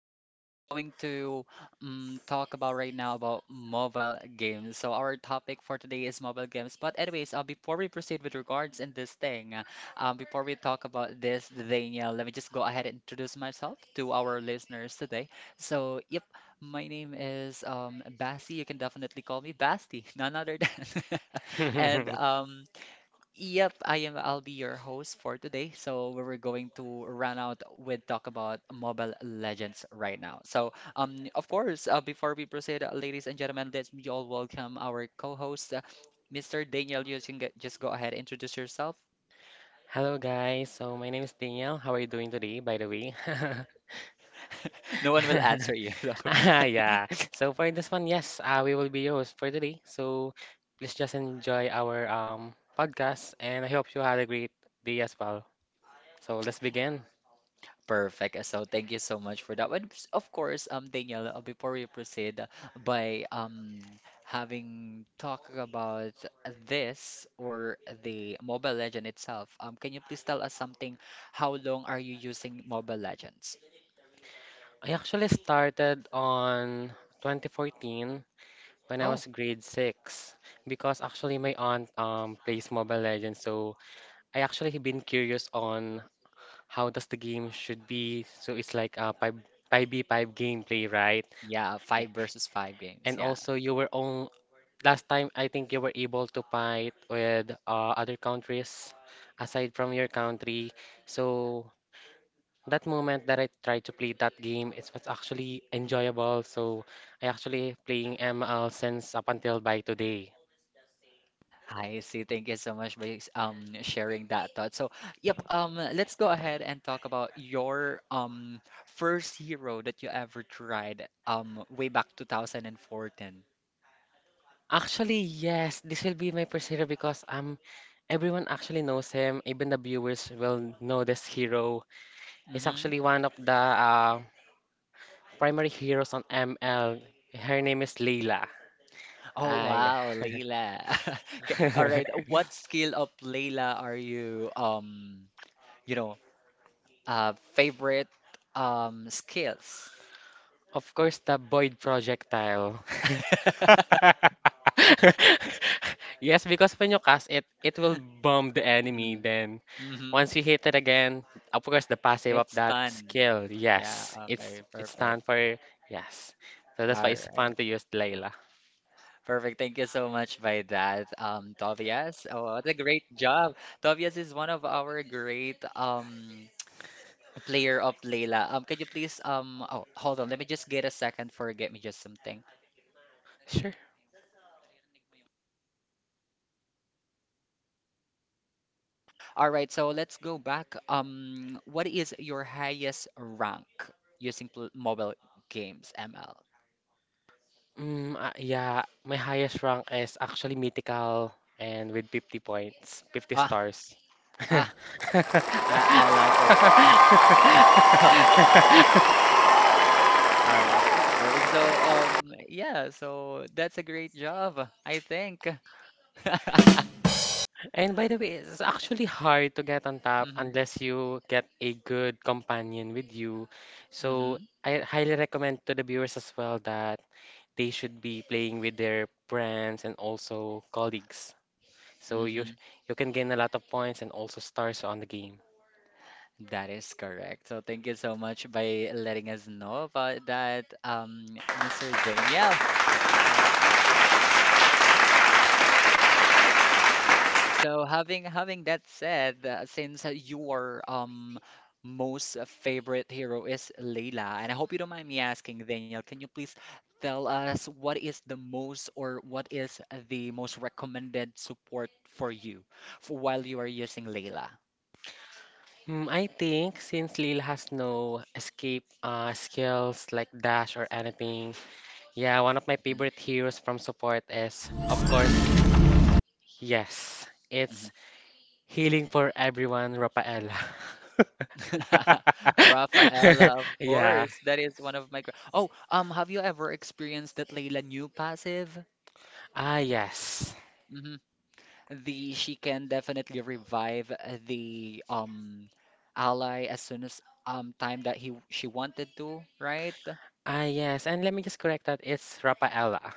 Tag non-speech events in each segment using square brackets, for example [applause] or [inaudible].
Yeah, we're going to talk about right now about mobile games. So our topic for today is mobile games. But anyways, before we proceed with regards in this thing, before we talk about this, Daniel, let me just go ahead and introduce myself to our listeners today. So, yep, my name is Basti. You can definitely call me Basti, [laughs] none other than. [laughs] And [laughs] yep, I am. I'll be your host for today. So we're going to run out with talk about Mobile Legends right now. So of course, before we proceed, ladies and gentlemen, let's we all welcome our co-host, Mr. Daniel. Just go ahead introduce yourself. Hello guys, so my name is Daniel. How are you doing today, by the way? [laughs] No one will [laughs] answer you. [laughs] So. Ah, yeah. So for this one, yes, we will be your host for today. So please just enjoy our podcast, and I hope you had a great day as well. So let's begin. Perfect. So thank you so much for that. And s- of course, Danielle, before we proceed by having talk about this or the Mobile Legend itself, can you please tell us something? How long are you using Mobile Legends? I actually started on 2014 when I Oh, was grade 6, because actually my aunt plays Mobile Legends, so I actually been curious on how does the game should be. So it's like a 5 5v5 gameplay, right? yeah, five A- versus five games. And Yeah. also you were on last time I think you were able to fight with other countries aside from your country. So that moment that I tried to play that game, it was actually enjoyable. So I actually playing ML since up until by today. I see. Thank you so much for sharing that thought. So, yep, let's go ahead and talk about your first hero that you ever tried way back 2014. Actually, yes, this will be my first hero because everyone actually knows him. Even the viewers will know this hero. Is Mm-hmm. actually one of the primary heroes on ML. Her name is Layla. Oh Ay. wow, Layla. [laughs] Okay, all right. [laughs] What skill of Layla are you you know favorite skills? Of course, the Boyd projectile. [laughs] [laughs] Yes, because when you cast it, it will bomb the enemy. Mm. Then, Mm-hmm. once you hit it again, of course, the passive of It's that fun. skill. Yeah, Yes, it's okay, it's perfect. stand for yes. So that's All why it's right. fun to use Layla. Perfect. Thank you so much by that, Tobias. Oh, what a great job. Tobias is one of our great player of Layla. Can you please oh hold on, let me just get a second for get me just something. Sure. All right, so let's go back. What is your highest rank using pl mobile games, ML? Yeah, my highest rank is actually mythical and with 50 points, 50 Ah, stars. [laughs] ah, I like it. [laughs] All right, perfect. So, yeah, so that's a great job, I think. [laughs] And by the way, it's actually hard to get on top Mhm. unless you get a good companion with you. So Mm-hmm. I highly recommend to the viewers as well that they should be playing with their friends and also colleagues. So Mm-hmm. you can gain a lot of points and also stars on the game. That is correct. So thank you so much by letting us know about that, Mr. Daniel. There you go. So having that said, since your most favorite hero is Layla, and I hope you don't mind me asking, Daniel, can you please tell us what is the most or what is the most recommended support for you for while you are using Layla? Mm, I think since Lil has no escape skills like dash or anything, yeah, one of my Mhm, favorite heroes from support is, of course, yes, mhm. it's Healing for Everyone, Rafaela. [laughs] [laughs] Rafaela, of Yeah. course, that is one of my. Oh, have you ever experienced that Layla new passive? Ah, yes. Mm-hmm. the She can definitely revive the ally as soon as time that he she wanted to, right? Ah, yes. And let me just correct that. It's Rafaela.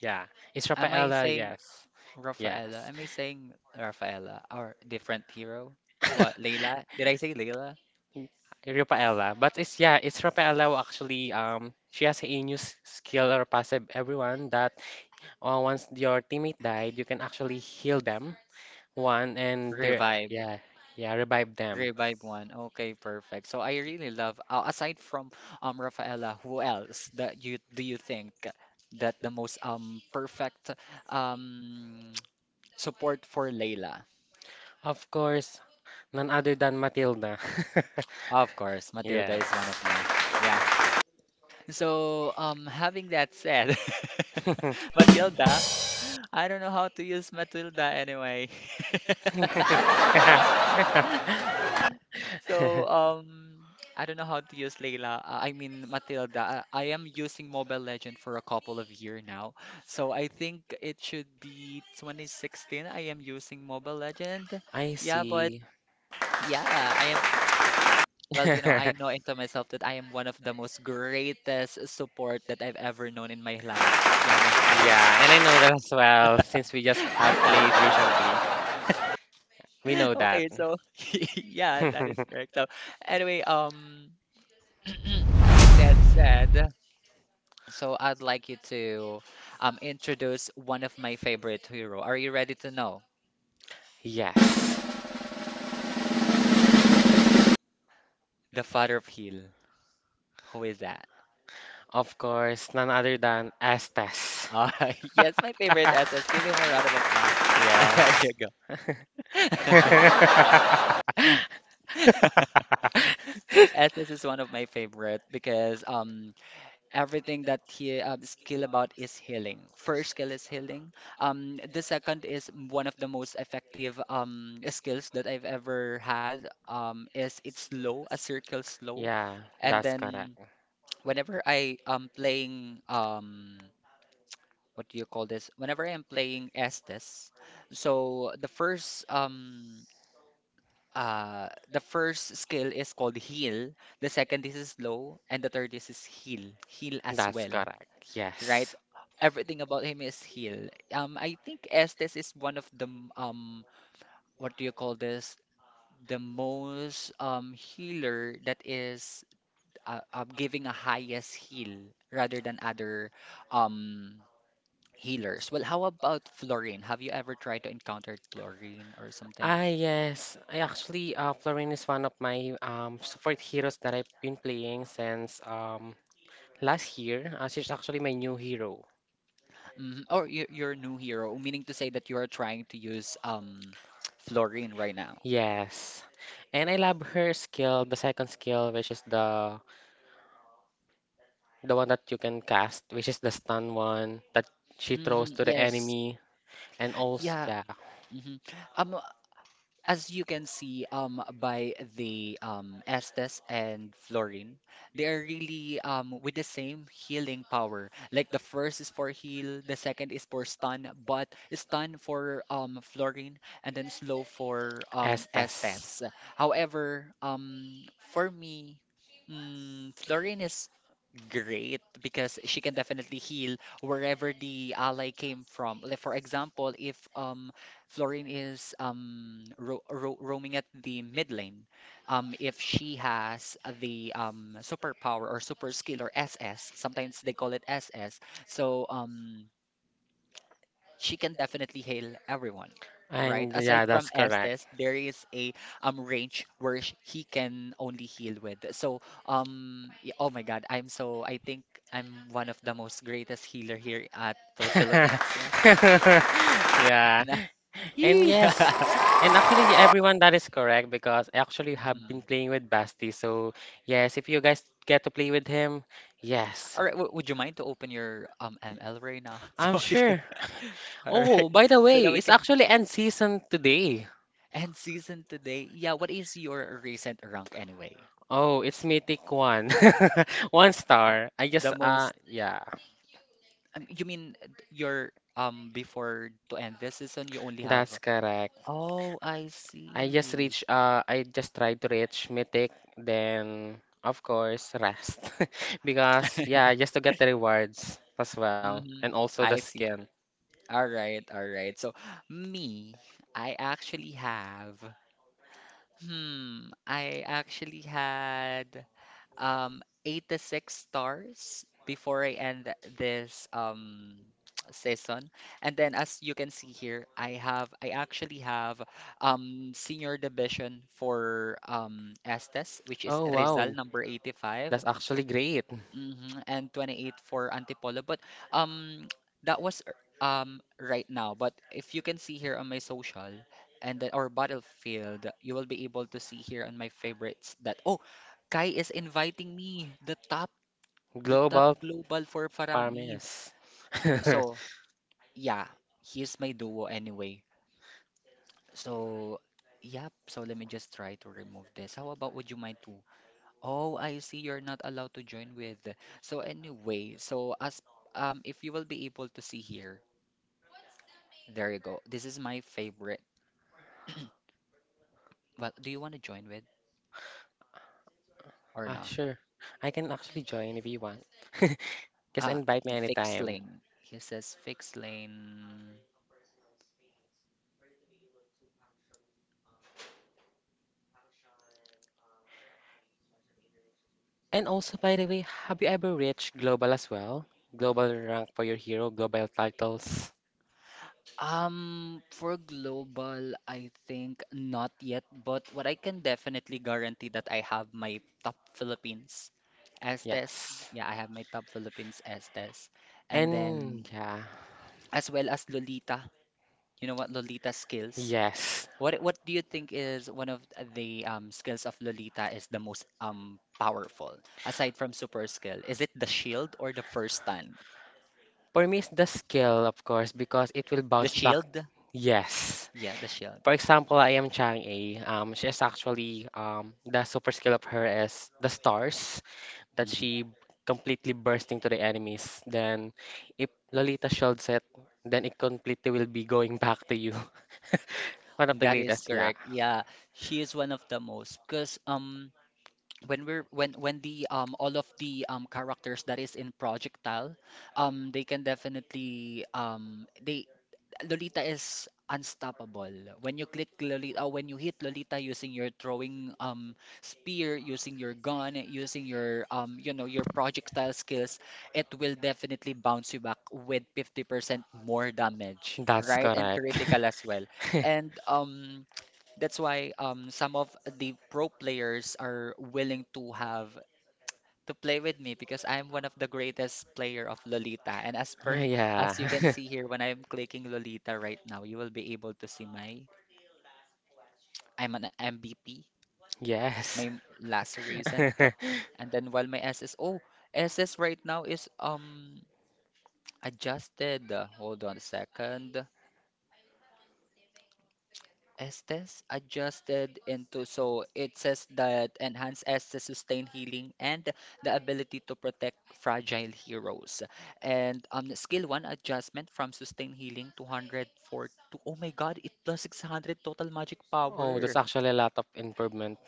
Yeah. It's Am I Rafaela. saying Yes. Rafaela? Yes. Am I saying Rafaela or different hero? What, [laughs] Layla? Did I say Layla? Yes. Rafaela. But it's yeah, it's Rafaela who actually she has a new skill or passive everyone that once your teammate died, you can actually heal them one and they Revive. yeah, yeah, revive them. Revive one. Okay, perfect. So I really love aside from Rafaela, who else that you think that the most perfect um [tsk] support for Layla? Of course, none other than Matilda. [laughs] Of course, Matilda is one Yes. of mine. Yeah. So, having that said, [laughs] [laughs] Matilda, I don't know how to use Matilda anyway. [laughs] [laughs] So, I don't know how to use Layla. I mean, Matilda. I am using Mobile Legend for a couple of year now. So I think it should be 2016. I am using Mobile Legend. I Yeah, but see. yeah, I am well, you know, I know [laughs] into myself that I am one of the most greatest support that I've ever known in my life. Yeah, myself. Yeah, and I know that as well since we just [laughs] have Myself. played [laughs] recently. [laughs] We know that. Okay, so [laughs] yeah, that is [laughs] correct. So anyway, [clears throat] having that said, so I'd like you to introduce one of my favorite hero. Are you ready to know? Yes, The father of heel. Who is that? of course, none other than Estes. Uh, [laughs] yes, my favorite [laughs] SS. Give him a round of applause. [laughs] There you Yes. go. [laughs] [laughs] SS is one of my favorite because everything that he skill about is healing. First skill is healing. The second is one of the most effective skills that I've ever had. Is it's slow, a circle slow, Yeah, and that's then correct. whenever I am playing what do you call this? whenever I am playing Estes, so the first skill is called heal, the second is slow, and the third is heal, heal as That's well, correct. right? Yes. Everything about him is heal. I think Estes is one of the m- what do you call this? The most healer that is giving a highest heal rather than other um healers. Well, how about Florine? Have you ever tried to encounter Florine or something? Ah, yes. I actually, Florin is one of my support heroes that I've been playing since last year. She's actually my new hero. Hmm. Or you're a new hero, meaning to say that you are trying to use Fluorine, right now. Yes. And I love her skill, the second skill, which is the one that you can cast, which is the stun one that she Hmm, throws to the yes. enemy. And also, Yeah. yeah, Hmm. Um, as you can see by the Estes and Florin, they are really with the same healing power. Like the first is for heal, the second is for stun, but stun for Florin and then slow for Estas. Estes. However, for me, mm, Florin is great because she can definitely heal wherever the ally came from. Like for example, if Florine is ro ro roaming at the mid lane, if she has the superpower or super skill or SS, sometimes they call it SS. So she can definitely hail everyone, right? And Aside yeah, from that's correct. Estes, there is a range where he can only heal with. So oh my God, I think I'm one of the most greatest healer here at the Philippines. Yeah. [laughs] Yeah. [laughs] And Yeah. yes. And actually everyone that is correct because I actually have been Mhm. playing with Basti. So yes, if you guys get to play with him, yes. All right, would you mind to open your ML right now [laughs] I'm so we can sure. all right Oh, by the so way, that we it's can actually end season today. and season today, yeah, what is your recent rank anyway? Oh, it's Mythic 1. [laughs] One star. I The just most, yeah, you mean your before to end this season, you only have. that's correct. Oh, I I just see. reach I just tried to reach mythic then of course rest [laughs] because yeah just to get the [laughs] rewards as well and Hmm. also the I see. skin. All right, all right. So me, I actually have. Hmm, I actually had 86 stars before I end this [tsk] season. And then as you can see here, I actually have senior division for Estes, which is Oh wow, Rizal number 85. that's actually great. Mm-hmm, and 28 for Antipolo. But um, [tsk] that was right now. But if you can see here on my social, and then or Battlefield, you will be able to see here on my favorites that oh, Kai is inviting me the top Global Global. Global for Faramis. Parmes. [laughs] [laughs] So, yeah, he's my duo anyway. So, yep. So let me just try to remove this. How about would you mind to? Oh, I see you're not allowed to join with. So anyway, so as if you will be able to see here, there you go. This is my favorite. Well, do you want to join with? Or Ah no? sure. I can actually join if you want. [laughs] Just Ah, invite me fixed anytime. lane. He says fixed lane. And also by the way, have you ever reached global as well? Global rank for your hero, global titles. For global, I think not yet, but what I can definitely guarantee that I have my top Philippines Estes. Yes. Yeah, I have my top Philippines Estes. And And then yeah, as well as Lolita. You know what Lolita skills? yes. What do you think is one of the skills of Lolita is the most powerful aside from super skill? Is it the shield or the first stand? For me, it's the skill, of course, because it will The bounce back. shield? Yes. Yeah, the shield. For example, I am Chang A. She is actually the super skill of her is the stars that Hmm. she completely bursting to the enemies. Then, if Lolita shield set, then it completely will be going [laughs] back to you. [laughs] One of the That is greatest, yeah. correct. Yeah, she is one of the most because when we're when the all of the characters that is in Projectile they can definitely they Lolita is unstoppable. When you click Lolita, when you hit Lolita using your throwing spear, using your gun, using your your projectile skills, it will definitely bounce you back with 50% more damage, That's right? And correct. critical as well. [laughs] And that's why some of the pro players are willing to have to play with me because I'm one of the greatest player of Lolita. And as Yeah. you can see here, when I'm [laughs] clicking Lolita right now, you will be able to see my I'm an MVP, Yes. my last recent, [laughs] and then while my SS oh SS right now is adjusted. Hold on a second. Estes adjusted into so it says that enhance Estes sustain healing and the ability to protect fragile heroes. And skill one adjustment from sustain healing 200 for to oh my god it plus 600 total magic Oh, that's power. actually a lot of improvement.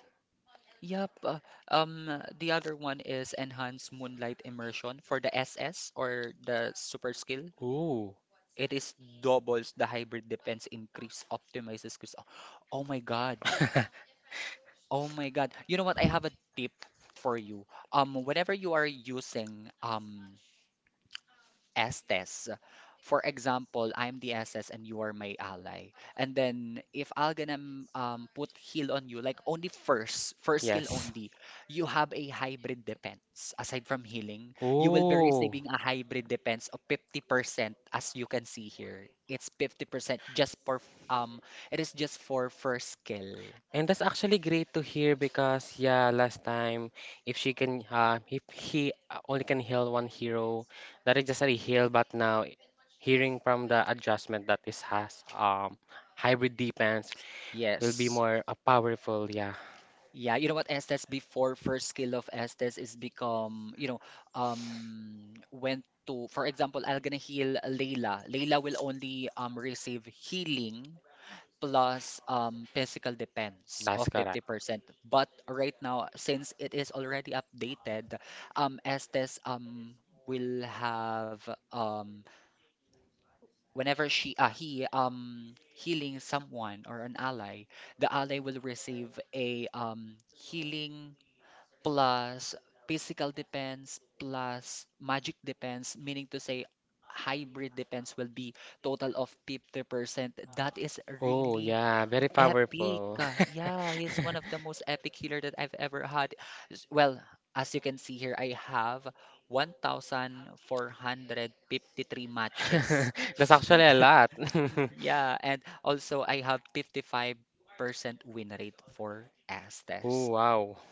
Yep. Um, the other one is enhance moonlight immersion for the S S or the super skill. Ooh. It is doubles the hybrid defense increase, optimizes crystal. Oh my god. [laughs] Oh my god. You know what? I have a tip for you. Whenever you are using Estes. For example, I'm the SS and you are my ally. And then if I'll gonna put heal on you, like only first skill Yes. only, you have a hybrid defense. Aside from healing, you will be Ooh. receiving a hybrid defense of 50% as you can see here. It's 50% just for it is just for first skill. And that's actually great to hear because yeah, last time if she can if he only can heal one hero, that is just a heal. But now, hearing from the adjustment that this has, hybrid defense will be Yes. more powerful. Yeah, Yeah, you know what, Estes before first skill of Estes is become went to, for example, I'll gonna heal Layla. Layla will only receive healing plus physical defense that's of correct. 50%. But right now since it is already updated, Estes will have, whenever she he healing someone or an ally, the ally will receive a healing plus physical depends plus magic depends, meaning to say hybrid depends will be total of 50%, that is Oh really yeah, very epic. powerful. Yeah, he's one of [laughs] the most epic healer that I've ever had. Well, as you can see here I have 1,453 1,453 matches, matches. [laughs] That's actually a lot. [laughs] 1% win [laughs] Yeah, and also I have 55% win rate rate for for [laughs] estes. Oh, Aztecs. Wow.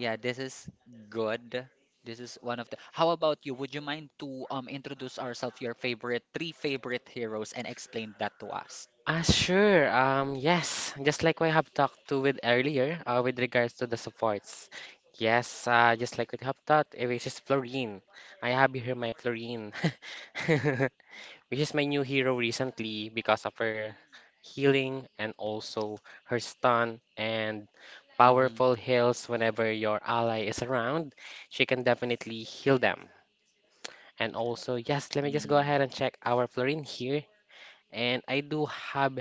Yeah, this is good, this is one of the. How about you? Would you mind to introduce ourselves, your favorite three favorite heroes, and explain that to us? Ah, sure. Yes. Just like we have talked to with earlier, with regards to the supports. Yes, just like we have talked, it is just fluorine. I have here my fluorine. [laughs] which is my new hero recently because of her healing and also her stun and Mm-hmm. powerful heals whenever your ally is around. She can definitely heal them. And also, yes, let me just go Mm. ahead and check our Florine here. And I do have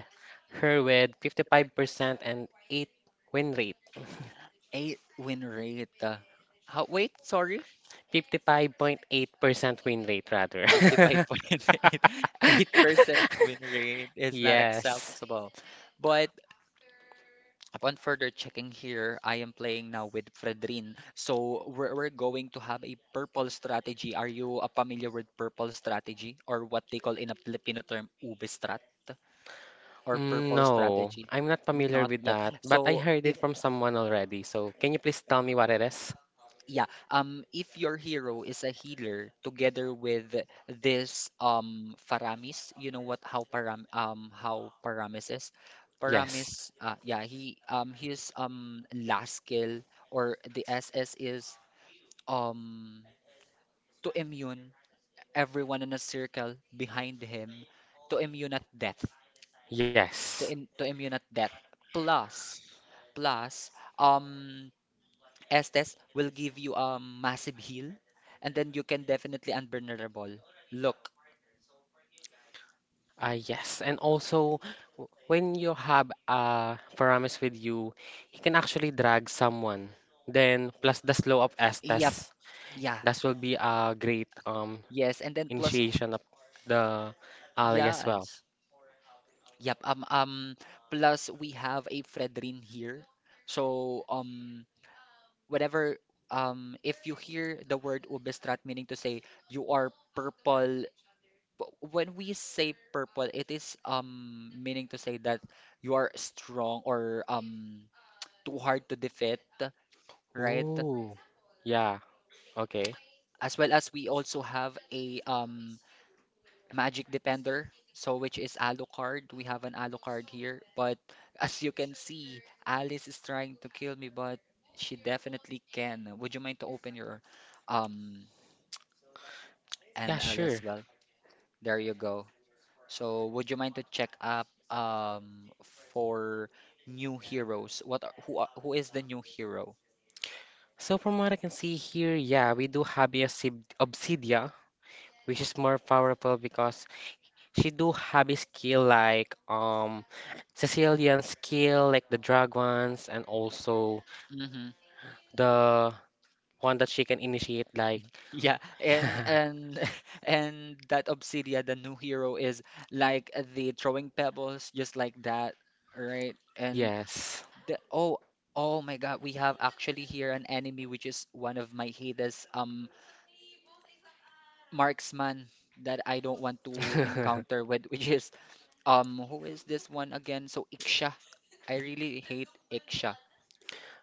her with 55% and 8 win rate. Eight win rate. How? Wait, sorry. 55.8% win rate rather. [laughs] 55.8. 8% [laughs] win rate is not Yes. acceptable. But upon further checking here, I am playing now with Fredrin. So we're going to have a purple strategy. Are you familiar with purple strategy, or what they call in a Filipino term, ube strat or purple No, strategy? I'm not familiar Not with yet. that, but I So heard if. it from someone already. So can you please tell me what it is? Yeah, if your hero is a healer together with this Faramis, you know what, how Paramis is? Yes. Paramis, Yes. Yeah, he his last skill or the SS is um to immune everyone in a circle behind him to immune at death, Yes. To immune at death. Plus, plus, um Estes will give you a massive heal, and then you can definitely unvulnerable. Look, Ah, yes. And also, when you have a Paramus with you, he can actually drag someone. Then, plus the slow of yep, Estes, yeah, that will be a great yes, and then plus, initiation of the ally as well. yes, yep, plus we have a Fredrin here. So, whatever, if you hear the word Ubestrat, meaning to say you are purple. When we say purple, it is meaning to say that you are strong, or too hard to defeat, right? Ooh. Yeah. Okay. As well as we also have a magic defender, so which is Alucard. We have an Alucard here, but as you can see, Alice is trying to kill me, but she definitely can. Would you mind to open your um Yeah, ML as sure. well? There you go. So, would you mind to check up for new heroes? What are- who is the new hero? So from what I can see here, yeah, we do have a Obsidia, which is more powerful because she do have a skill like Sicilian skill, like the drag ones, and also Mm-hmm. [laughs] the one that she can initiate, like Yeah, [laughs] and [laughs] and that Obsidia, the new hero, is like the throwing pebbles, just like that, right? And yeah, yes, the oh my God, we have actually here an enemy which is one of my haters, marksman that I don't want to encounter with, [laughs] [laughs] which is. Who is this one again? So Iksha. I really hate Iksha.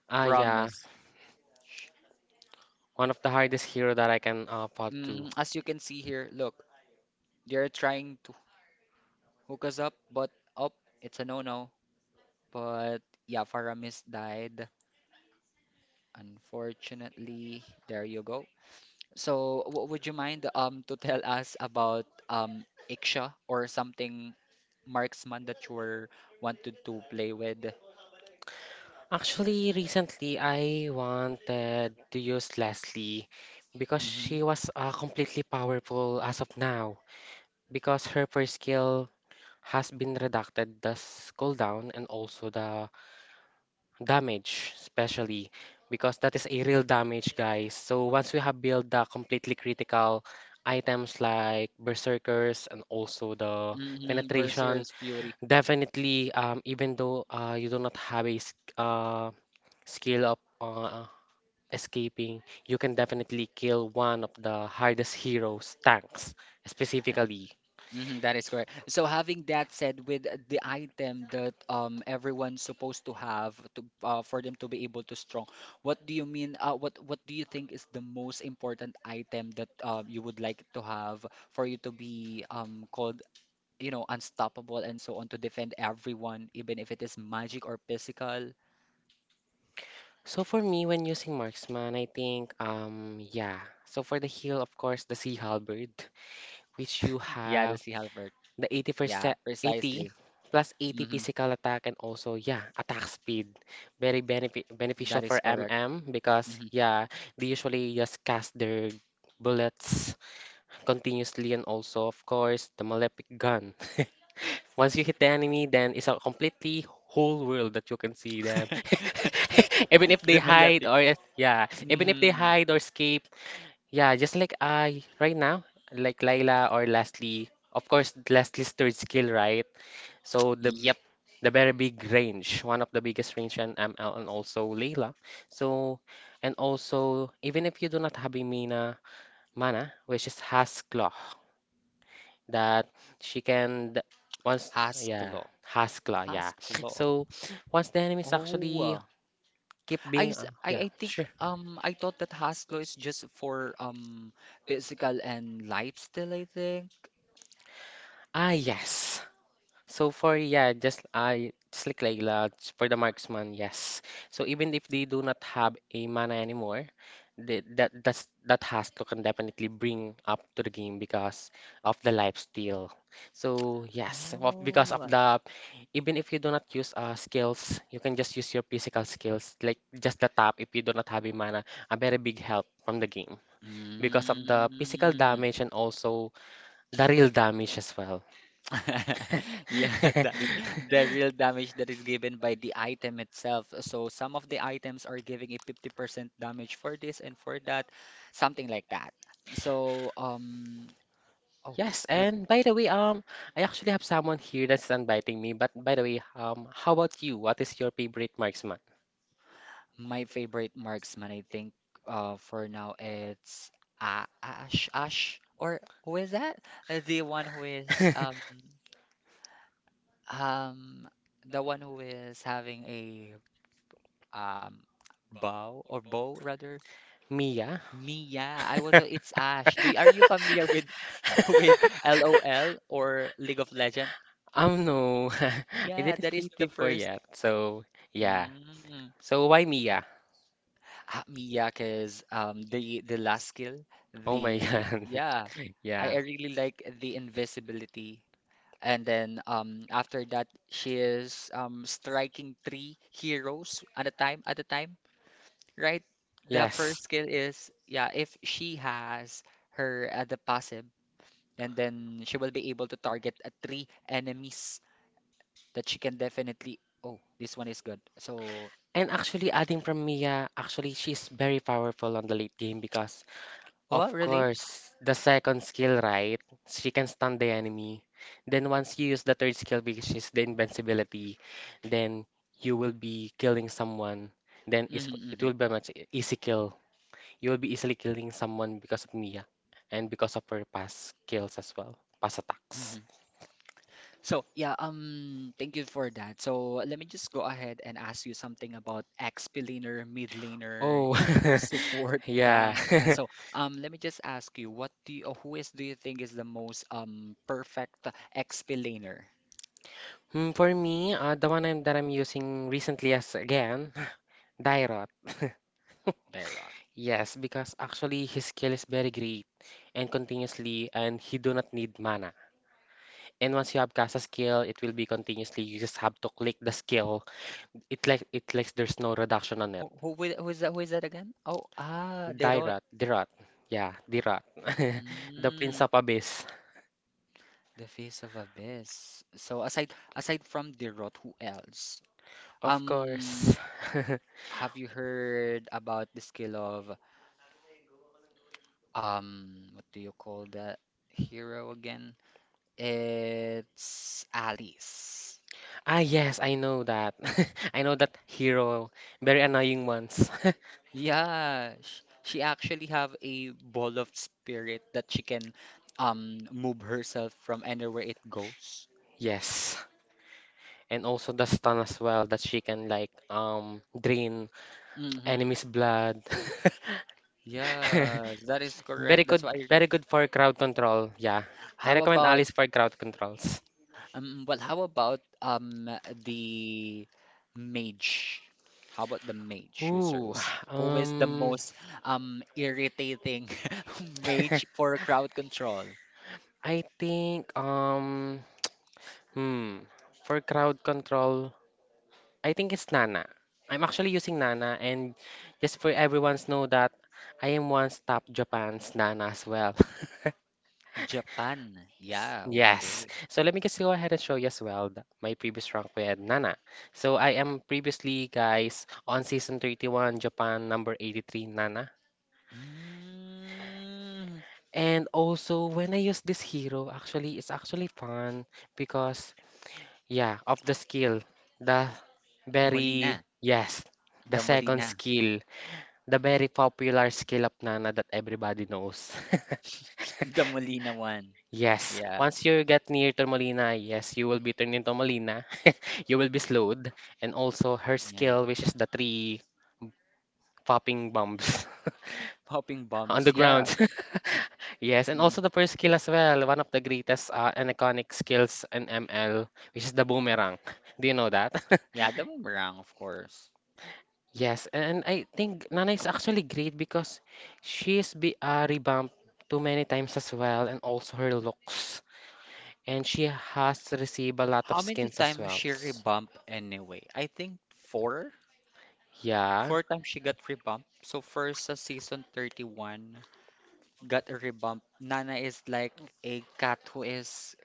ah yeah, Promise. one of the hardest hero that I can fought to. Hmm. As you can see here, look, they're trying to hook us up, but up, it's a no-no. But yeah, Faramis died, unfortunately. There you go. So, w would you mind to tell us about Iksha, or something marksman that you were wanted to play with? Actually, recently I wanted to use Leslie because she was completely powerful as of now. Because her first skill has been redacted the cooldown and also the damage, especially because that is a real damage, guys. So once we have built the completely critical items like Berserkers and also the Hmm. Hmm. penetration, Berserker's Fury. definitely, even though you do not have a s- uh, skill of escaping, you can definitely kill one of the hardest heroes, tanks, specifically. Mm-hmm, that is correct. So having that said, with the item that everyone's supposed to have to for them to be able to strong, what do you mean? What do you think is the most important item that you would like to have for you to be called, you know, unstoppable and so on, to defend everyone, even if it is magic or physical. So for me, when using marksman, I think, yeah. So for the heal, of course, the sea halberd, which you [laughs] Yeah, the have Sea Halberd. the Yeah, 80%, 80 precisely. plus 80 Hmm. physical attack and also, yeah, attack speed. Very beneficial That for is correct. MM because, Hmm. yeah, they usually just cast their bullets continuously and also, of course, the malefic gun. [laughs] Once you hit the enemy, then it's a completely whole world that you can see them. [laughs] [laughs] Even if they The hide Malefic. or if- yeah, even if they Hmm. hide or escape, yeah, just like I right now, like Layla or Lastly. Of course, Lastly's third skill, right? So Yep. the very big range, one of the biggest range and ML and also Layla. So and also even if you do not have a Mina mana, which is has claw that she can th- once Has yeah claw. Haskla yeah Has claw. so once the enemies Oh, actually uh, keep I, being s- I yeah I think sure I thought that Haslo is just for physical and lifestyle, I think. ah yes So for yeah, just like Layla, it's for the marksman, yes. So even if they do not have a mana anymore, that has to can definitely bring up to the game because of the life steal. So yes, because of Oh. the even if you do not use skills, you can just use your physical skills like just the tap if you do not have a mana, a very big help from the game because of the physical Mm. damage and also the real damage as well. [laughs] Yeah, that is [laughs] the real damage that is given by the item itself. So some of the items are giving a 50% damage for this and for that, something like that. So um oh Yes, with and by the way, I actually have someone here that's inviting me. But by the way, how about you? What is your favorite marksman? my favorite marksman, I think, for now it's Ash or who is that? The one who is [laughs] um the one who is having a um bow, or bow rather. Mia? Mia, I was, it's [laughs] Ash. Do are you familiar with [laughs] with LOL or League of Legend? No, [laughs] I Yeah, didn't that is sleep the before first. yet. So yeah. Mm. So why Mia? Yeah, cause the last skill, Oh my [laughs] the God. yeah, Yeah. I really like the invisibility. And then after that she is striking three heroes at a time, right? The Yes. first skill is yeah, if she has her the passive, and then she will be able to target three enemies that she can definitely. Oh, this one is good. So And actually, adding from Mia, actually she's very powerful on the late game because Of what, really? course, the second skill, right? She can stun the enemy. Then once you use the third skill, which is the invincibility, then you will be killing someone. It Hmm. will be a much easy kill. You will be easily killing someone because of Mia and because of her past kills as well, past attacks. Hmm. So yeah, thank you for that. So let me just go ahead and ask you something about XP laner, mid laner, Oh, support [laughs] tank, and yeah. so, let me just ask you, what do you, who is do you think is the most perfect XP laner, [laughs] Mm, for me, the one that I'm using recently is again, [laughs] Dairot. [laughs] Dairot? Yes, because actually his skill is very great and continuously, and he do not need mana. And once you have cast a skill, it will be continuously. You just have to click the skill. It like there's no reduction on Who it. who wi- who is that? Who is that again? Oh, ah, Dairot. [laughs] Dairot, Dirot, yeah, Dirot, [laughs] the Prince Mm, of Abyss, the face of abyss. So aside from Dairot, who else? of Um, course. [laughs] have you heard about the skill of what do you call that hero again? It's Alice. Ah yes, I know that. [laughs] I know that hero, very annoying ones. [laughs] Yeah, she actually have a ball of spirit that she can move herself from anywhere it goes. Yes, and also the stun as well that she can like drain Mm-hmm. enemy's blood. [laughs] Yes, that is Very correct. That's good, why very I- good for crowd control. Yeah, I how recommend about. Alice for crowd controls. Well, how about the mage? How about the mage Ooh, users? Who is the um, most irritating [laughs] [laughs] mage for crowd control? I think hmm, for crowd control, I think it's Nana. I'm actually using Nana, and just for everyone's know that I am once top Japan's Nana as well. [laughs] Japan. Yeah, Yes. okay. So let me just go ahead and show you as well my previous rank with Nana. So I am previously, guys, on season 31, Japan number 83, Nana. Mm, And also, when I use this hero, actually, it's actually fun because, yeah, of the skill, the very, Molina. yes, the The second Molina. skill, the very popular skill of Nana that everybody knows. [laughs] The Molina one. Yes, Yeah. once you get near Turmalina, yes, you will be turned into Malina. [laughs] You will be slowed. And also her Yeah. skill, which is the three popping bombs Popping [laughs] on the bombs. Yeah. ground. [laughs] Yes, and Mm. also the first skill as well, one of the greatest and iconic skills in ML, which is the boomerang. [laughs] Do you know that? [laughs] Yeah, the boomerang, of course. Yes, and I think Nana is actually great because she's be revamped too many times as well, and also her looks. And she has received a lot of How many skins as times well. she rebumped anyway? I think four. Yeah. Four times she got rebumped. So first, season 31 got a rebump. Nana is like a cat who is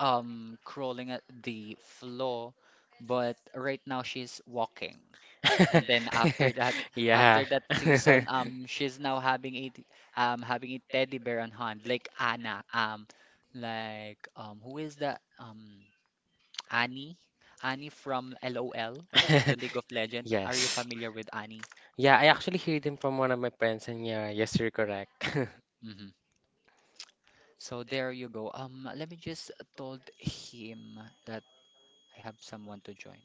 crawling at the floor but right now she's walking. And then [laughs] after Yeah. that season, she's now having a having a teddy bear on hand, like Anna, like who is that? [tsk] Annie, Annie from LOL, the League of [laughs] Legend. Are you Yes. familiar with Annie? Yeah, I actually heard him from one of my friends, and yeah, yes, you're correct. Hmm. So there you go. Let me just told him that I have someone to join.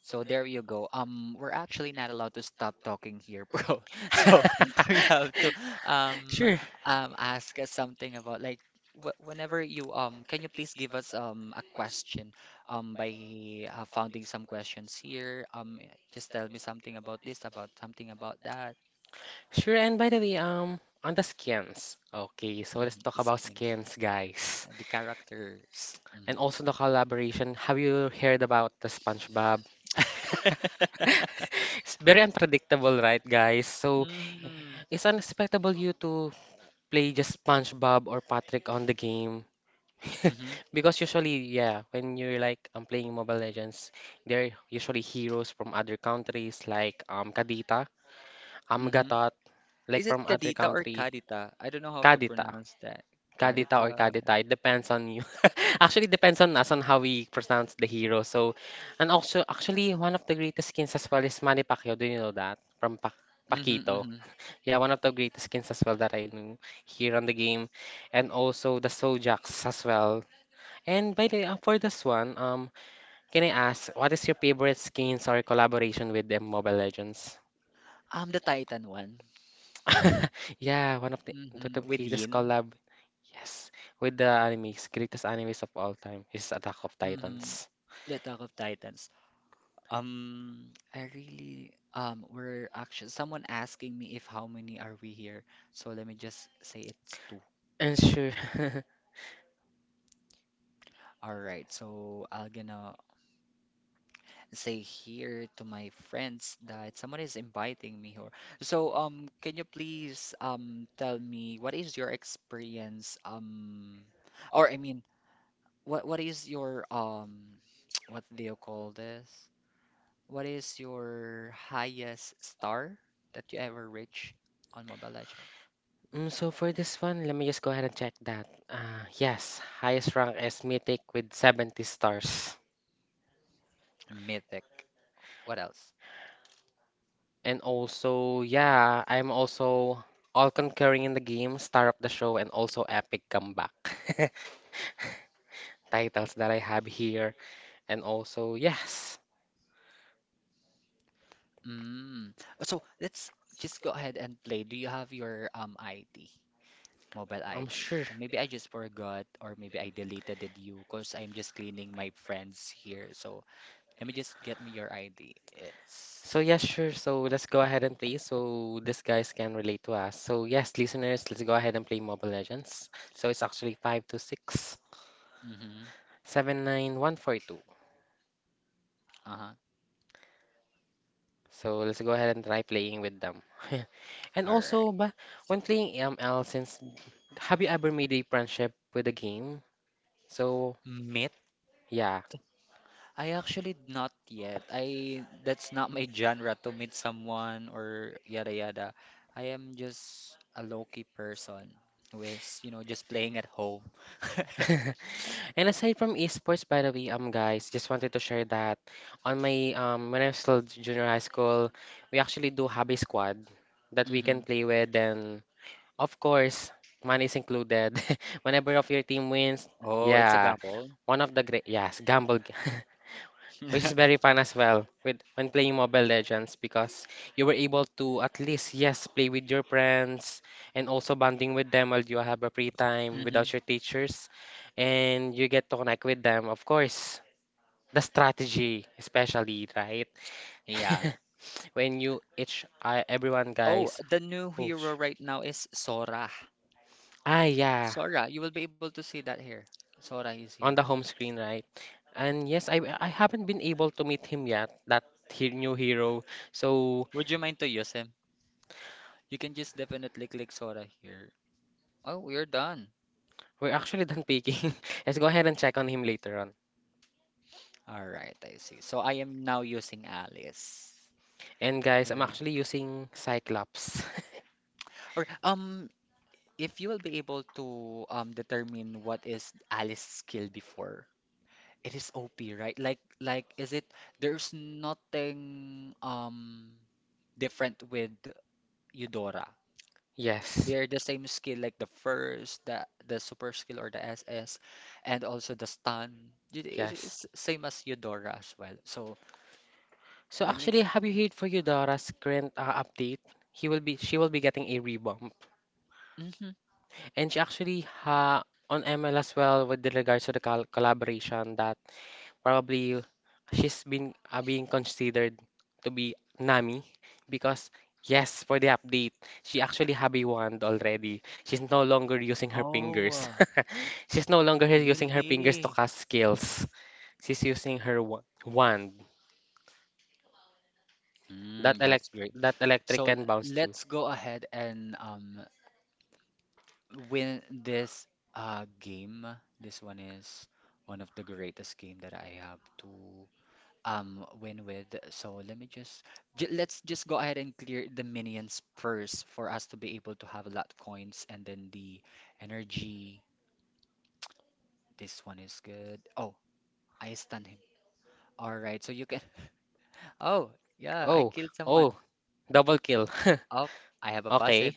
So there you go. We're actually not allowed to stop talking here, bro. [laughs] So [laughs] we have to [laughs] um Sure, ask us something about like, wh whenever you can you please give us a question by founding some questions here. Eh, just tell me something about this, about something about that. sure. And by the way, on the skins. Okay, so let's Mm, talk about skin, skins, guys. The characters. And also the collaboration. Have you heard about the SpongeBob? Mm. [laughs] [laughs] It's very unpredictable, right, guys? So Mm. it's unexpectable you to play just SpongeBob or Patrick on the game. [laughs] Mm-hmm. Because usually, yeah, when you're like playing Mobile Legends, they're usually heroes from other countries like Kadita, Mm-hmm. Gatot, like Is it from other Kadita or country, Kadita? I don't know how to Kadita. pronounce that. Kadita or Kadita. Kadita, it depends on you. [laughs] Actually, it depends on us on how we pronounce the hero. So, and also, actually, one of the greatest skins as well is Manny Pacquiao. Do you know that? From Pac Mm-hmm, Paquito. mm-hmm. Yeah, one of the greatest skins as well that I know here on the game, and also the Sojax as well. And by the way, for this one, can I ask what is your favorite skins or collaboration with them Mobile Legends? The Titan one. [laughs] Yeah, one of the Mm-hmm. With greatest Yin. collab, yes, with the animes, greatest animes of all time is Attack of Mm-hmm. Titans. The Attack of Titans. I really were actually someone asking me if how many are we here. So let me just say it's two. And sure. [laughs] All right, so I'll gonna say here to my friends that someone is inviting me here. So, can you please tell me what is your experience or I mean what is your [tsk] what do you call this? What is your highest star that you ever reach on Mobile Legends? Mm, so for this one, let me just go ahead and check that. Yes, highest rank is Mythic with 70 stars. Mythic. What else? And also, yeah, I'm also all conquering in the game, star of the show, and also epic comeback [laughs] titles that I have here. And also, yes, Mm. So let's just go ahead and play. Do you have your ID? Mobile I'm ID. sure. So maybe I just forgot or maybe I deleted it you because I'm just cleaning my friends here. So let me just get me your ID. It's So yes, sure. So let's go ahead and play so these guys can relate to us. So yes, listeners, let's go ahead and play Mobile Legends. So it's actually five to six, mm-hmm. 7 9 1 4 2. Uh-huh. So let's go ahead and try playing with them. [laughs] And All right. also, but So when playing ML, since have you ever made a friendship with a game? So, meet. yeah. I actually not yet. I that's not my genre to meet someone or yada yada. I am just a low-key person who is, you know, just playing at home. [laughs] [laughs] And aside from esports, by the way, guys, just wanted to share that on my when I was still junior high school, we actually do have a squad that we can Hmm. play with, and of course, money is included. [laughs] Whenever of your team wins, Oh, it's a yeah, gamble. one of the great, yes, gamble. [laughs] [laughs] Which is very fun Hmm. as well with when playing Mobile Legends because you were able to at least yes play with your friends and also bonding with them while you have a free time without your teachers and you get to connect with them. Of course, the strategy especially, right? Yeah. [laughs] When you each I everyone Oh, guys. the new Oh, hero right now is Sora. ah yeah, Sora, you will be able to see that here. Sora is on here. the home screen, right? And yes, I haven't been able to meet him yet, that he, new hero. So Would you mind to use him? You can just definitely click Sora here. Oh, we're done. we're actually done picking. [laughs] Let's go ahead and check on him later on. All right, I see. So I am now using Alice. And guys, All I'm right. actually using Cyclops. [laughs] Or if you will be able to determine what is Alice's skill before, it is OP, right? Like is it there's nothing different with Eudora. Yes. They're the same skill like the first, the super skill or the SS, and also the stun. It is Yes. same as Eudora as well. So So let me. actually, have you heard for Eudora's current update? He will be she will be getting a rebump. Mm-hmm. And she actually ha on ML as well with the regards to the collaboration that probably she's been being considered to be Nami because yes, for the update, she actually have a wand already. She's no longer using her Oh, fingers. uh, [laughs] She's no longer using her fingers really? to cast skills. She's using her wand. That Mm, elect that's great. that electric So can bounce too. let's go ahead and win this game. This one is one of the greatest game that I have to win with. So let me just j let's just go ahead and clear the minions first for us to be able to have a lot coins and then the energy. This one is good. Oh, I stunned him. All right, so you can. [laughs] Oh, yeah, I Oh, killed someone. oh, double kill. [laughs] Oh, I have a passive. Okay.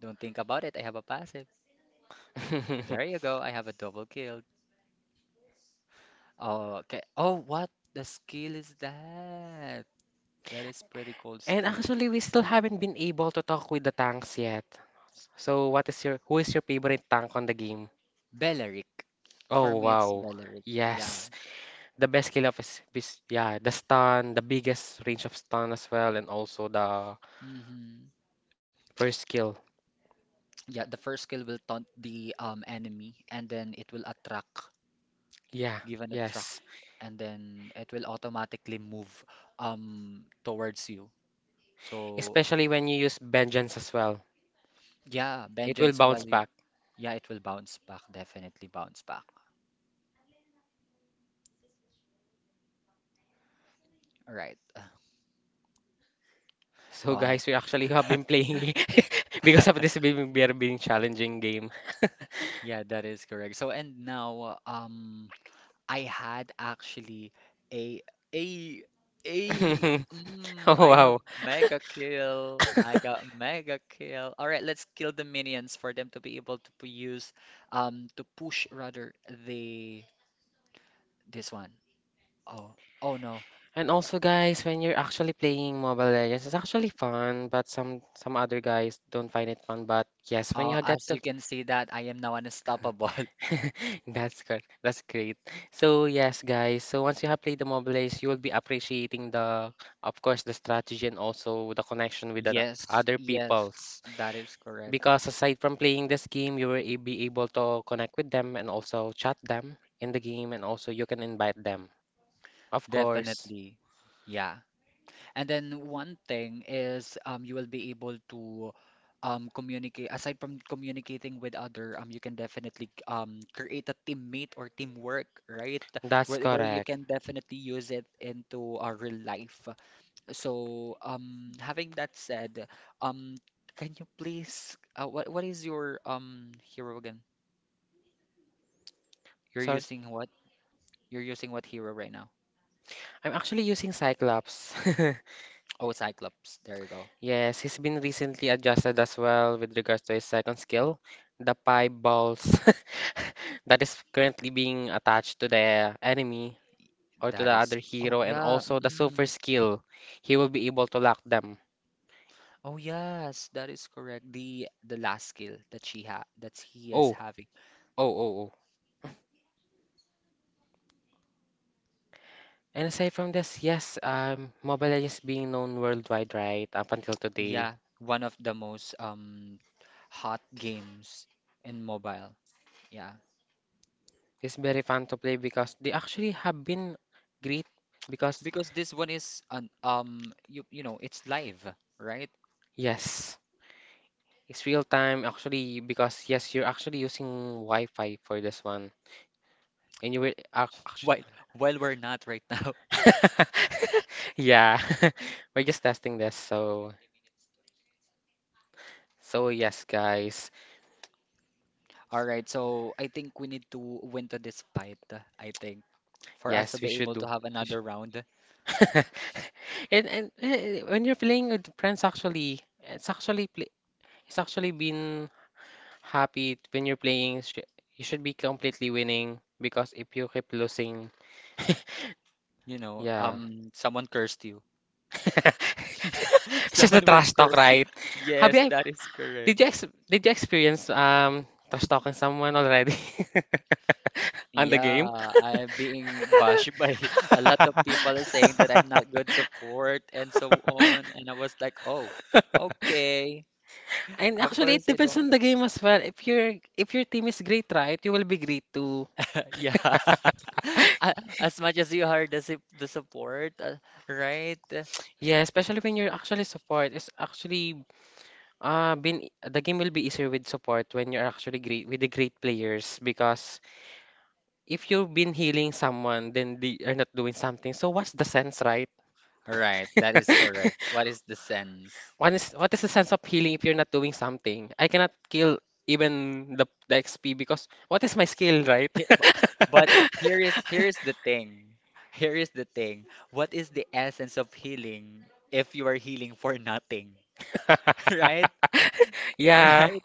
Don't think about it. I have a passive. There [laughs] you go. I have a double kill. Oh, okay. Oh, what the skill is that? That is pretty cool And skill. actually, we still haven't been able to talk with the tanks yet. So, what is your who is your favorite tank on the game? Belleric. For Oh, me, it's wow. Belleric. Yeah. Yes. The best kill of his yeah, the stun, the biggest range of stun as well, and also the Hmm. first kill. Yeah, the first skill will taunt the enemy and then it will attract, Yeah, given a attract, yes. and then it will automatically move towards you. So Especially when you use vengeance as well. yeah, It will vengeance while bounce you back. yeah, it will bounce back, definitely bounce back. All right. [laughs] So Oh, guys, we actually have [laughs] been playing [laughs] because of this [laughs] being we are being challenging game. Yeah, that is correct. So and now I had actually a a a [laughs] mm, Oh I have wow. mega kill. [laughs] I got mega kill. All right, let's kill the minions for them to be able to use to push rather the this one. Oh, oh no. And also, guys, when you're actually playing Mobile Legends, it's actually fun, but some other guys don't find it fun. But yes, when Oh, you get as to, you can see that I am now unstoppable. [laughs] [laughs] that's good, that's great. So yes, guys, so once you have played the Mobile Legends, you will be appreciating the, of course, the strategy and also the connection with the Yes, other yes, peoples. that is correct. Because aside from playing this game, be able to connect with them and also chat them in the game, and also you can invite them. Of course, Definitely. Yeah. And then one thing is you will be able to communicate aside from communicating with other you can definitely create a teammate or teamwork, right? that's Where you correct. can definitely use it into our real life. So, having that said, um, can you please, what is your hero again? You're Sorry. using what? You're using what hero right now? I'm actually using Cyclops. [laughs] Oh, Cyclops. There you go. Yes, he's been recently adjusted as well with regards to his second skill, the pie balls [laughs] that is currently being attached to the enemy or to the That is. other Oh hero, and yeah. also the Mm. super skill. He will be able to lock them. Oh yes, that is correct. The last skill that she ha that he is Oh, having. oh. And aside from this, yes, Mobile Legends being known worldwide, right, up until today. Yeah, one of the most hot games in mobile. Yeah. It's very fun to play because they actually have been great because, Because this one is an you you know, it's live, right? yes. It's real time actually because yes, you're actually using Wi-Fi for this one, and you were actually While while we're not right now. [laughs] [laughs] yeah, [laughs] we're just testing this. So so yes, guys, All right, so I think we need to win to this fight, I think, for us to yes, we be able should to do. have we another should- round. [laughs] and when you're playing with friends, actually, it's actually play, it's actually been happy when you're playing. You should be completely winning because if you keep losing, yeah, Someone cursed you. [laughs] [laughs] it's just a Someone will trash talk, curse you. right? Have Yes, you that is Did correct. you ex did you experience trash talking someone already [laughs] on the game? Yeah, I'm being bashed by [laughs] a lot of people [laughs] saying that I'm not good support and so on. And I was like, oh, okay. And Of actually, it course, I depends don't. on the game as well. If your team is great, right, you will be great too. [laughs] Yeah. [laughs] [laughs] A- As much as you are the support, right? Yeah, especially when you're actually support. It's actually been the game will be easier with support when you're actually great with the great players because if you've been healing someone, then they are not doing something. So what's the sense, right? Right, that [laughs] is correct. What is the sense? What is the sense of healing if you're not doing something? I cannot kill even the XP because what is my skill, right? He- b- But here is [laughs] here is the thing. Here is the thing. What is the essence of healing if you are healing for nothing? [laughs] Right? Yeah. Right?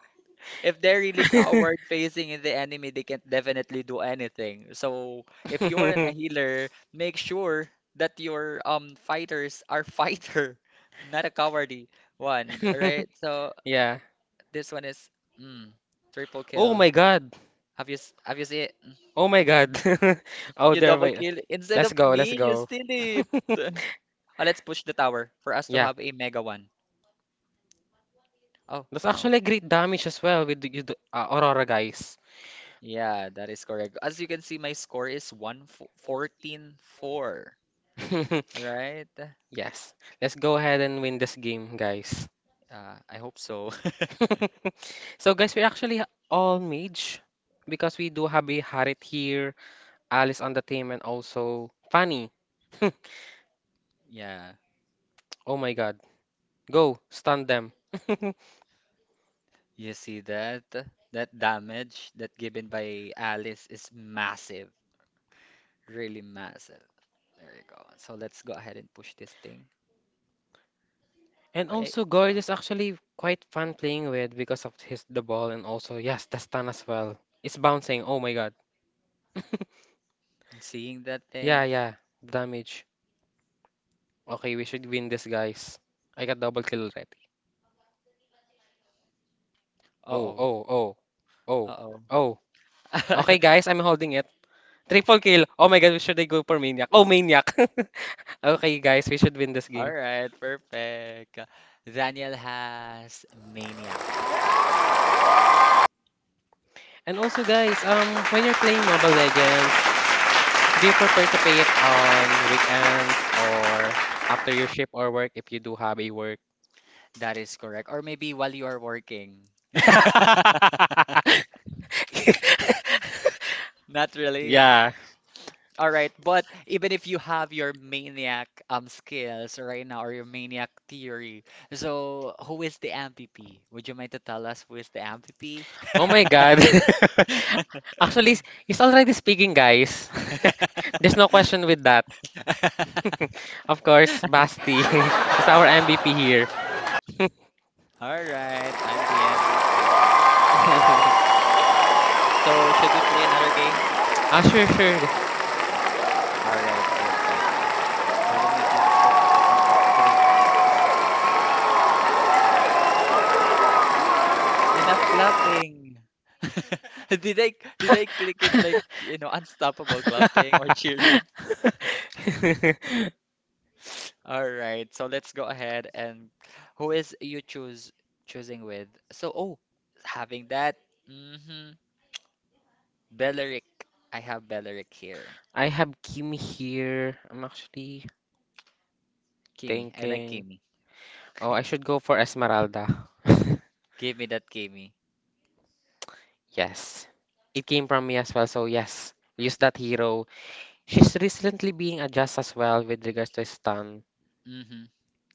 If they're really coward facing in the enemy, they can definitely do anything. So if you're in a [laughs] healer, make sure that your fighters are fighter, [laughs] not a cowardly one, right? So Yeah. this one is mm, triple Oh kill. my God. Have you have you seen it? Oh my God. Mm. [laughs] Oh, You there. double Wait. kill instead Let's of go. Let's me, you go. steal it. [laughs] [laughs] Let's push the tower for us to Yeah. have a mega one. Oh That's no. actually great damage as well with the, Aurora guys. Yeah, that is correct. As you can see, my score is 1-14-4, [laughs] right? Yes. Let's go ahead and win this game, guys. I hope so. [laughs] [laughs] So, guys, we're actually all mage because we do have a Harit here, Alice on the team, and also Fanny. [laughs] Yeah. Oh my god. Go, stun them. [laughs] You see that? That damage that given by Alice is massive, really massive. There you go. So let's go ahead and push this thing. And Oh, yeah. Yeah. also, Oh, Goyd is actually quite fun playing with because of his the ball and also, yes, the stun as well. It's bouncing. Oh my god. [laughs] I'm seeing that Yeah, thing. yeah. Damage. Okay, we should win this, guys. I got double kill already. Oh, Uh-oh. oh, oh. Oh. Uh-oh. Oh, [laughs] okay guys, I'm holding it. Triple kill. Oh my god, we should go for Maniac? Oh, Maniac. [laughs] Okay guys, we should win this All game. right, perfect. Daniel has maniac. And also guys, when you're playing Mobile Legends, do you prefer to play it on weekends or after your shift or work if you do have a work? That is correct. Or maybe while you are working. [laughs] [laughs] Not really. Yeah. All right, but even if you have your maniac skills right now or your maniac theory, so who is the MVP? Would you mind to tell us who is the MVP? Oh my god. [laughs] Actually, he's already speaking, guys. [laughs] There's no question with that. [laughs] [laughs] Of course, Basti [laughs] is our MVP here. All right, I'm the MVP. [laughs] So should we play another game? Ah, sure, sure. All right, perfect. So let me just go ahead and claim this. Oh, enough clapping. [laughs] Did I did I click it like, [laughs] unstoppable clapping or cheering? All right, so let's go ahead and who is you choose choosing with? So oh, having that. Mm-hmm. Belleric. I have Belleric here. I have Kimi here. I'm actually Kimi. I like thinking. Kimi. Oh, I should go for Esmeralda. [laughs] Give me that Kimi. Yes. It came from me as well, so yes. Use that hero. She's recently being adjusted as well with regards to his stun. [laughs] Hmm.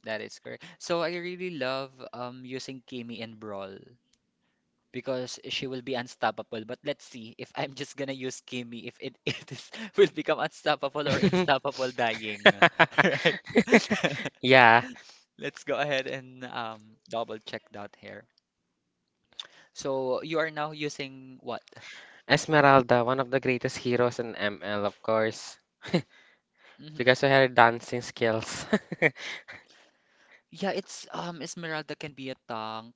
That is correct. So I really love using Kimi and Brawl because she will be unstoppable. But let's see if I'm just gonna use Kimi if it, [laughs] it is, will become unstoppable or unstoppable [laughs] dying. [laughs] Right? [laughs] Yeah. Let's go ahead and double check that here. So you are now using what? Esmeralda, one of the greatest heroes in ML, of course, [laughs] Mhm. because of her dancing skills. [laughs] Yeah, it's Esmeralda can be a tank,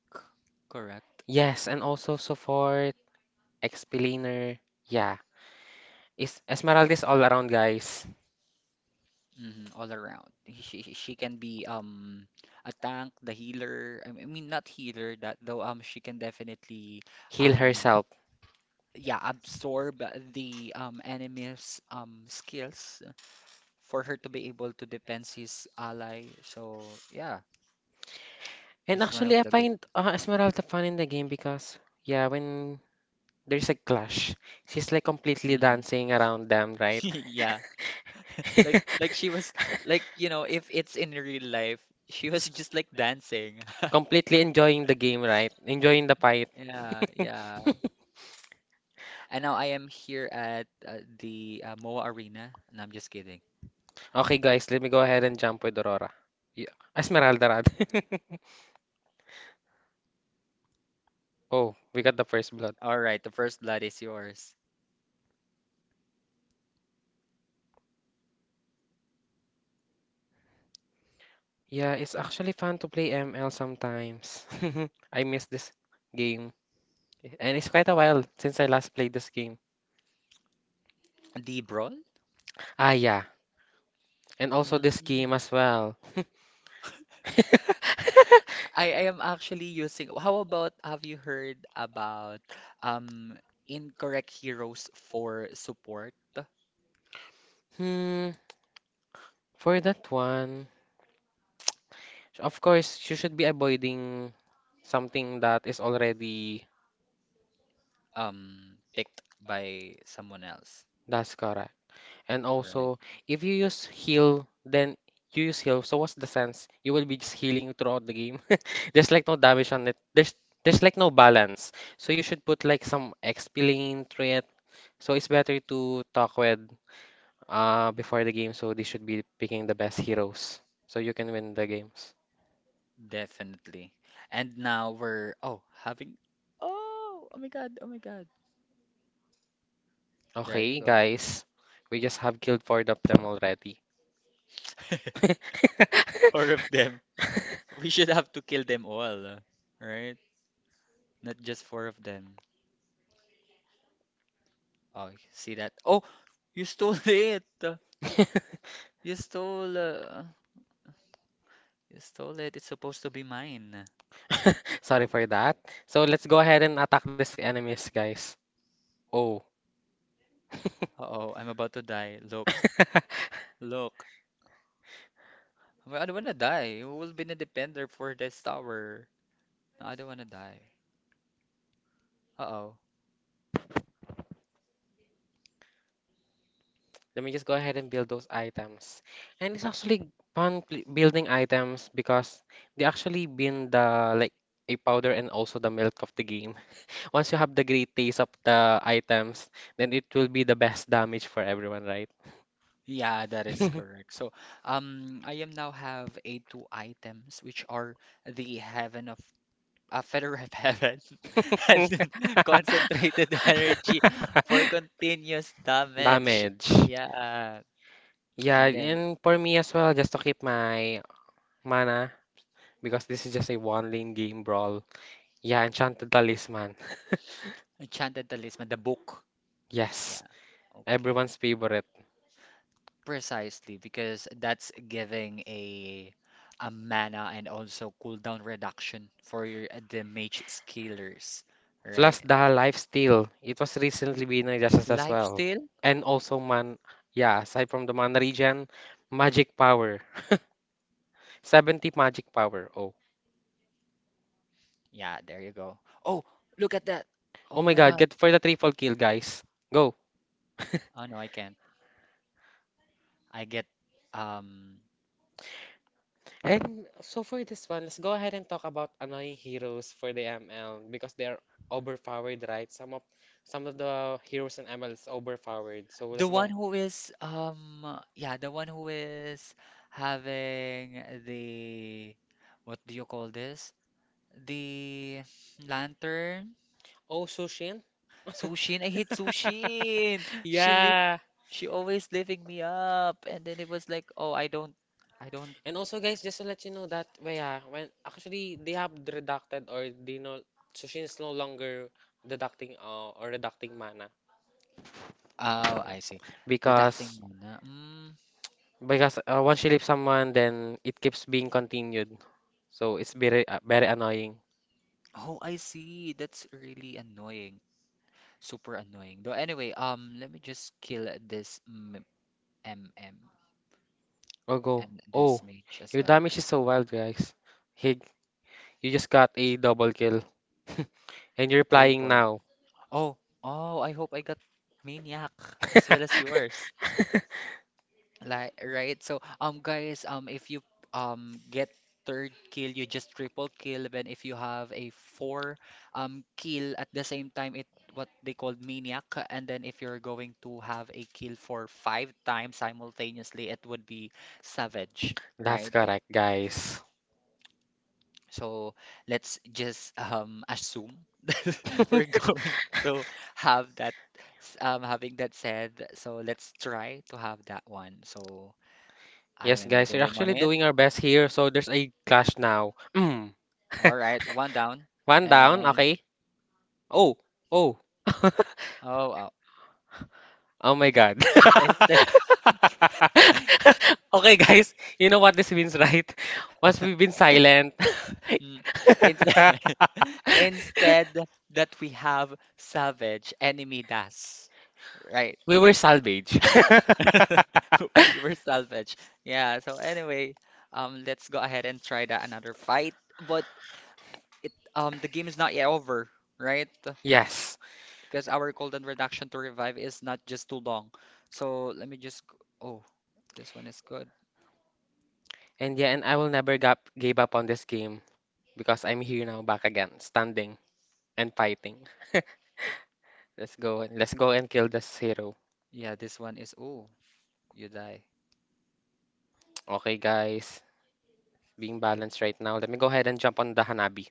correct? Yes, and also support, Expeliner. Yeah, is Esmeralda is all around, guys. Mhm, all around. She can be a tank, the healer. Not healer that though she can definitely Heal um herself. yeah absorb the enemy's skills for her to be able to defend his ally. So yeah, And she's one actually, of I the good. find Esmeralda fun in the game because, yeah, when there's a clash, she's like completely Hmm. dancing around them, [laughs] right? Yeah. [laughs] Like [laughs] she was like if it's in real life she was just like dancing. [laughs] Completely enjoying the game, right? Enjoying the fight. Yeah, yeah. [laughs] And now I am here at the MOA Arena. No, I'm just kidding. Okay, guys, let me go ahead and jump with Aurora. Yeah. Ah, Esmeralda, rather. [laughs] Oh, we got the first blood. All right, the first blood is yours. Yeah, it's actually fun to play ML sometimes. [laughs] I miss this game. And it's quite a while since I last played this game. The brawl? Ah, yeah. And also this Mm, game as well. [laughs] I am actually using. How about have you heard about um incorrect heroes for support Hmm, for that one, of course, you should be avoiding something that is already picked by someone else? that's correct. And Right. also, if you use heal, then you use heal. So what's the sense? You will be just healing throughout the game. [laughs] There's like no damage on it. There's like no balance. So you should put like some XP lane threat. So it's better to talk with before the game. So they should be picking the best heroes. So you can win the games. Definitely. And now we're, oh, having, oh, oh my God, oh my God, there you Okay, go. guys. We just have killed four of them already. [laughs] Four [laughs] [laughs] of them, we should have to kill them all, right? Not just four of them. Oh, see that? Oh, you stole [laughs] it. you stole uh, you stole it. It's supposed to be mine. Sorry for that. So let's go ahead and attack these enemies, guys. Oh. Uh-oh, I'm about to die. Look, [laughs] look. Well, I don't wanna die. Who will be the defender for this tower? No, I don't wanna die. Uh-oh. Let me just go ahead and build those items. And it's actually fun building items because they actually been the like a powder and also the milk of the game. [laughs] Once you have the great taste of the items, then it will be the best damage for everyone, right? Yeah, that is [laughs] correct. So, I am now have a two items which are the heaven of a feather of heaven [laughs] and then [laughs] concentrated energy for continuous damage. Damage. Yeah, Yeah, and then and for me as well, just to keep my mana because this is just a one lane game brawl. Yeah, Enchanted Talisman. [laughs] enchanted talisman, the book. Yeah, Yes, okay. everyone's favorite. Precisely, because that's giving a mana and also cooldown reduction for your the mage scalers, Plus right? the Lifesteal. It was recently been adjusted as well. Lifesteal? And also man, yeah, aside from the mana regen, magic power. [laughs] 70 magic power. Oh. Yeah, there you go. Oh, look at that. Oh Oh my my god, God. get for the triple kill, guys. Go. [laughs] Oh no, I can't. I get um And so for this one, let's go ahead and talk about annoying heroes for the ML because they are overpowered, right? Some of the heroes in ML is overpowered. So the let's go one ahead. who is the one who is having the what do you call this? The lantern. Oh, Sushin? Sushin, I hate Sushin. [laughs] Yeah. She always lifting me up, and then it was like, oh, I don't. And also, guys, just to let you know that way, ah, when actually they have deducted or they know Sushin is no longer deducting or deducting mana Oh, I see. Deducting because mana. Mm. Once you leave someone, then it keeps being continued. So it's very annoying. Oh, I see. That's really annoying. Super annoying. Though anyway, let me just kill this MM Or go. and this Oh, mage as your well. damage is so wild, guys. He, you just got a double kill, [laughs] and you're playing Triple. now. Oh, oh, I hope I got maniac as well as yours. [laughs] Like, right? So, guys, if you get third kill, you just triple kill. Then if you have a four kill at the same time, it what they call maniac. And then if you're going to have a kill for five times simultaneously, it would be savage, That's right? correct, guys. So let's just assume [laughs] that we're [laughs] going to have that having that said, so let's try to have that one. So I Yes, am guys, we're doing on actually it. doing our best here, so there's a clash now. Mm. [laughs] All right, one down. One down, And okay? Oh, oh. [laughs] oh, uh, Oh my God. [laughs] instead, [laughs] Okay, guys, you know what this means, right? Once we've been silent, Mm, instead, [laughs] instead that we have salvage, enemy das. Right. [laughs] we were salvaged. [laughs] [laughs] We were salvage. Yeah, so anyway, let's go ahead and try that another fight. But it the game is not yet over, right? Yes. Because our golden reduction to revive is not just too long. So let me just, oh, this one is good. And yeah, and I will never give up on this game, because I'm here now back again, standing and fighting. Let's go and kill this hero. Yeah, this one is, oh, you die. Okay, guys, being balanced right now. Let me go ahead and jump on the Hanabi.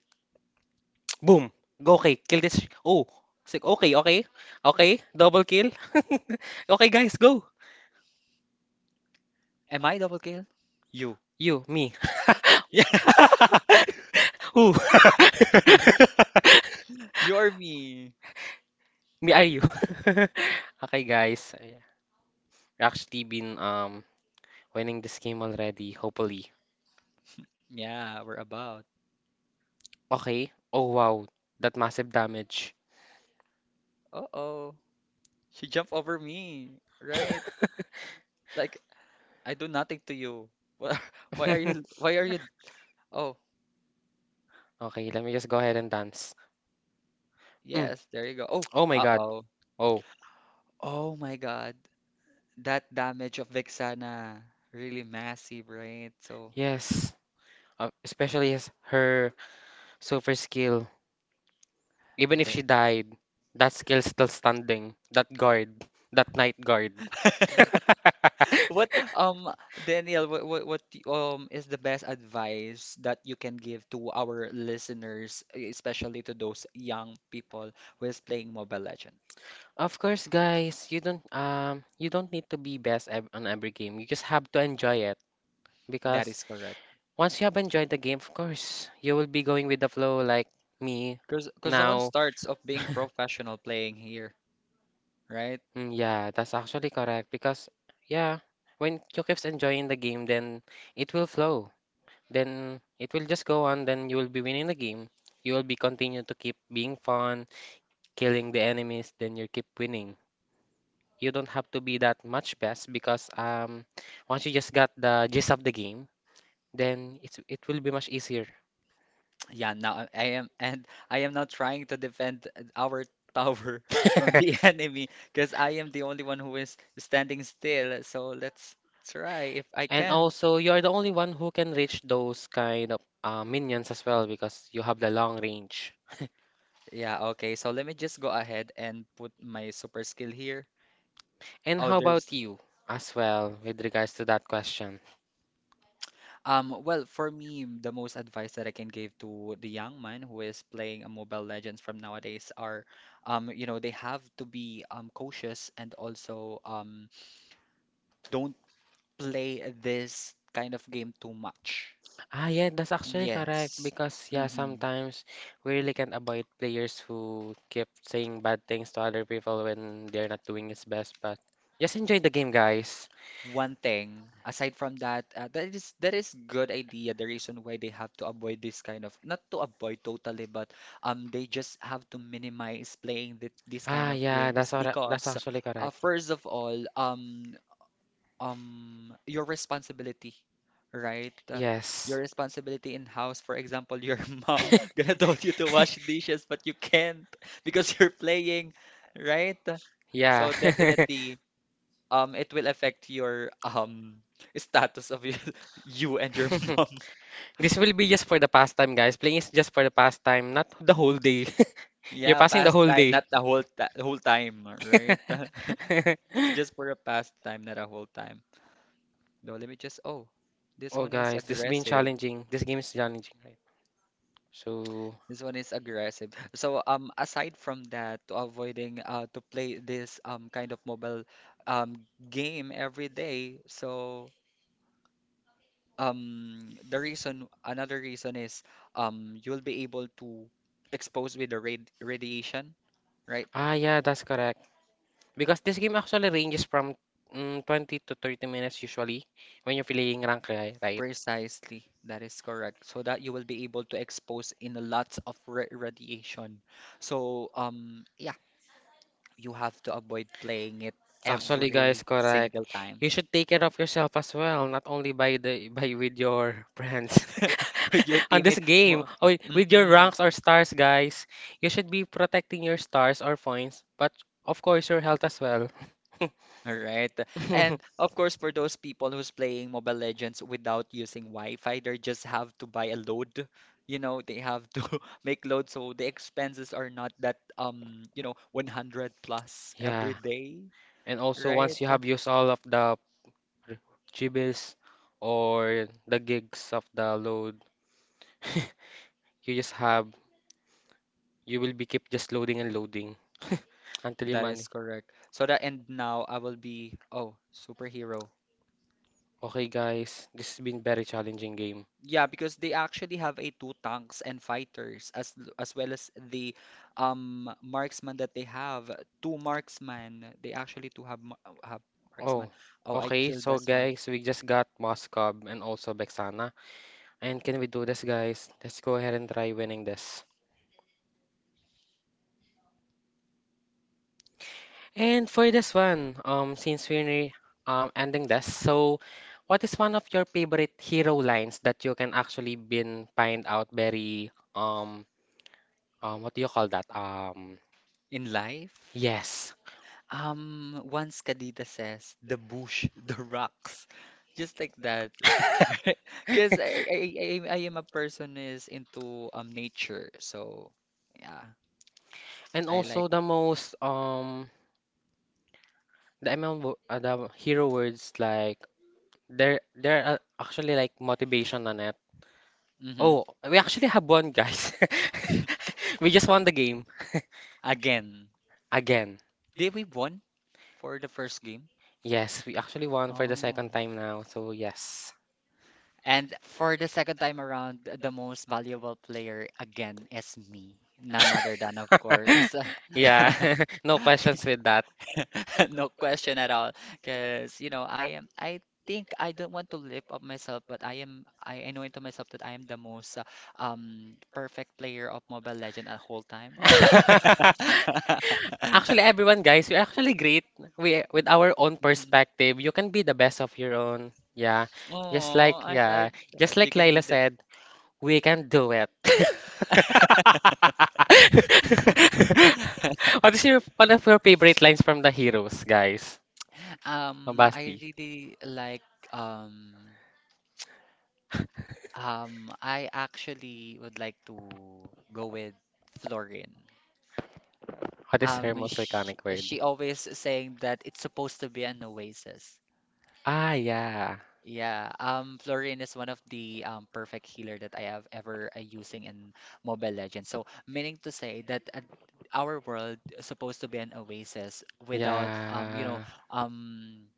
[tsk] Boom. Go okay, kill this. Oh, sick. Okay, okay, okay. Double kill. [laughs] Okay, guys, go. Am I double kill? You. You, me. [laughs] [laughs] Who? Yeah, [laughs] you or me. Me are you? [laughs] Okay, guys. I've actually been winning this game already, hopefully. Yeah, we're about. Okay. Oh wow, that massive damage. Uh-oh, she jumped over me, right? Like, I do nothing to you. Wha- [laughs] Why are you, [laughs] why are you, oh, Okay, let me just go ahead and dance. Mm. yes, there you go. Oh, Oh my God. uh-oh. Oh, Oh my God, that damage of Vexana, really massive, right? So. yes. Especially as her super skill. Even if The- she died, that skill still standing. That guard, that night guard. [laughs] [laughs] What um Daniel, is the best advice that you can give to our listeners, especially to those young people who is playing Mobile Legend? Of course, guys, you don't need to be best on every game. You just have to enjoy it That because is correct. once you have enjoyed the game, of course, you will be going with the flow like me Because no one now. starts of being [laughs] professional playing here, right? Mm, yeah, that's actually correct because yeah, when you keeps enjoying the game, then it will flow. Then it will just go on. Then you will be winning the game. You will be continue to keep being fun, killing the enemies. Then you keep winning. You don't have to be that much best because once you just got the gist of the game, then it will be much easier. Yeah, now I am not trying to defend our tower [laughs] [laughs] from the enemy because I am the only one who is standing still. So let's try if I And can. also, you are the only one who can reach those kind of minions as well because you have the long range. [laughs] Yeah, okay. So let me just go ahead and put my super skill here. And Oh, how there's about you as well with regards to that question? Well for me the most advice that I can give to the young man who is playing a Mobile Legends from nowadays are they have to be cautious and also don't play this kind of game too much. Ah, yeah, that's actually correct Yes. because yeah, Hmm. sometimes we really can't avoid players who keep saying bad things to other people when they're not doing his best, but just enjoy the game, guys. One thing aside from that, that is good idea. The reason why they have to avoid this kind of, not to avoid totally, but they just have to minimize playing this Ah, kind of yeah, game is that's because actually correct. first of all, your responsibility, right? Yes. your responsibility in house. For example, your [laughs] mom gonna [laughs] told you to wash dishes, but you can't [laughs] because you're playing, right? Yeah. So definitely, it will affect your [laughs] status of you, [laughs] [laughs] you and your [laughs] mom. [laughs] This will be just for the pastime, guys. Playing is just for the pastime, not the whole day. [laughs] You're Yeah, passing the whole pastime, day. not the whole ta whole time, right? [laughs] [laughs] Just for a pastime, not a whole time. No, let me just. Oh, this Oh, one is guys, this has been aggressive. challenging. This game is challenging, right? So, So aside from that, to avoiding to play this kind of mobile game every day, so the reason is you'll be able to expose with the radiation, right? ah, yeah, that's correct. Because this game actually ranges from 20 to 30 minutes usually when you're playing rank, right? Precisely. That is correct. So that you will be able to expose in lots of ra radiation. So yeah, you have to avoid playing it Actually, guys, every correct. single time You should take care of yourself as well, not only by the by with your friends [laughs] with your [laughs] on this teammate. game Mo- or with your Mm-mm. ranks or stars, guys. You should be protecting your stars or points, but of course your health as well. All right. And [laughs] of course, for those people who's playing Mobile Legends without using Wi-Fi, they just have to buy a load. You know, they have to [laughs] make load, so the expenses are not that you know, 100 plus Yeah. every day, And also, once right? you have used all of the r- jibbles or the gigs of the load, [laughs] you just have, you will be keep just loading and loading [laughs] until you That is money. correct. So that and now, I will be, oh, superhero. Okay, guys, this has been very challenging game. Yeah, because they actually have a two tanks and fighters as as well as the marksman that they have. Two marksman. They actually do have Oh, marksman. Oh, I okay, killed so this one. guys, we just got Moscow and also Bexana. And can we do this, guys? Let's go ahead and try winning this. And for this one, since we're ending this, so what is one of your favorite hero lines that you can actually been find out very what do you call that? In life, Yes. Once Kadita says, the bush, [laughs] the rocks, just like that. [laughs] Because I am a person is into nature, so yeah, And I also like. the amount the hero words like there are actually like motivation on it. Hmm. Oh, we actually have won, guys. [laughs] We just won the game Again, [laughs] again. did we won for the first game? Yes, we actually won for the Oh. second time now. So yes. And for the second time around, the most valuable player again is me, none other than of [laughs] course. Yeah, [laughs] [laughs] no questions with that. [laughs] No question at all. Because, you know, I think I don't want to lift up myself, but I know into myself that I am the most perfect player of Mobile Legend at whole time. Oh, no. [laughs] Actually, everyone, [laughs] guys, we're actually great. We with our own Mhm. perspective, you can be the best of your own. Yeah, Oh, I like just that. like You can Laila be the. said, we can do it. [laughs] What is your one of your favorite lines from the heroes, guys? Oh, I Basti, really like um I actually would like to go with Florin. what is her Um, most she, iconic word? she always saying that it's supposed to be an oasis. Ah, yeah. Yeah, Florin is one of the perfect healer that I have ever using in Mobile Legends. So, meaning to say that our world is supposed to be an oasis without you know, Yeah. um,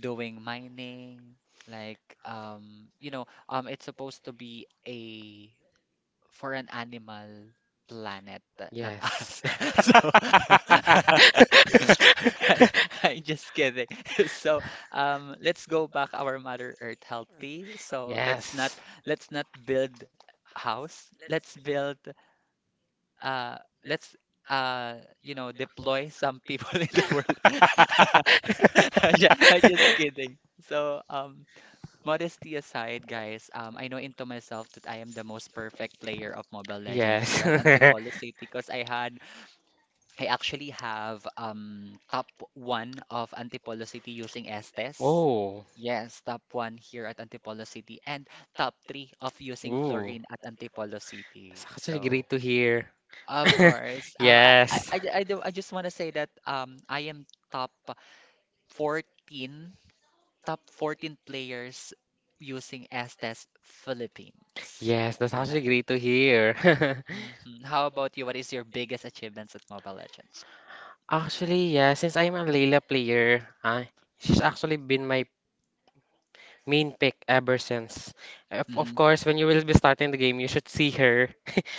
doing mining, like you know, it's supposed to be a for an animal planet, not Yes. us. [laughs] So [laughs] [laughs] I, I'm just kidding. [laughs] So let's go back our Mother Earth healthy. So Yes. let's not build house. Let's build uh let's uh you know deploy some people [laughs] in the world. [laughs] I'm just kidding. So modesty aside, [laughs] guys, I know into myself that I am the most perfect player of Mobile Legend Yes. here at Antipolo [laughs] City because I had, I actually have top one of Antipolo City using Estes. Oh, Yes, top one here at Antipolo City and top three of using ooh. Florine at Antipolo That's City. actually So, great to hear. of [laughs] course, um, I, I, Yes. I, I, do, I just want to say that I am top 14 top 14 players using Estes Philippines. Yes, that's Yeah. actually great to hear. [laughs] Hmm. How about you? What is your biggest achievements at Mobile Legends? Actually, yeah, since I'm a Layla player, ah, she's actually been my main pick ever since. Of Hmm. course, when you will be starting the game, you should see her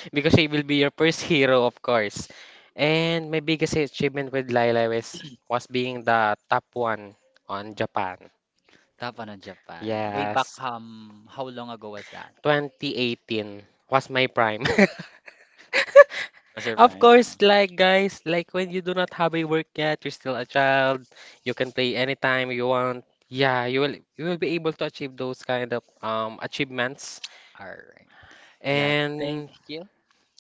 [laughs] because she will be your first hero, of course. And my biggest achievement with Lila was being the top one on Japan. Top one on Japan. Way back, Yes, how long ago was that? 2018 was my prime. [laughs] Was your Of prime? course, like guys, like when you do not have a work yet, you're still a child. You can play anytime you want. Yeah, you will be able to achieve those kind of achievements. Alright. Yeah, thank And you.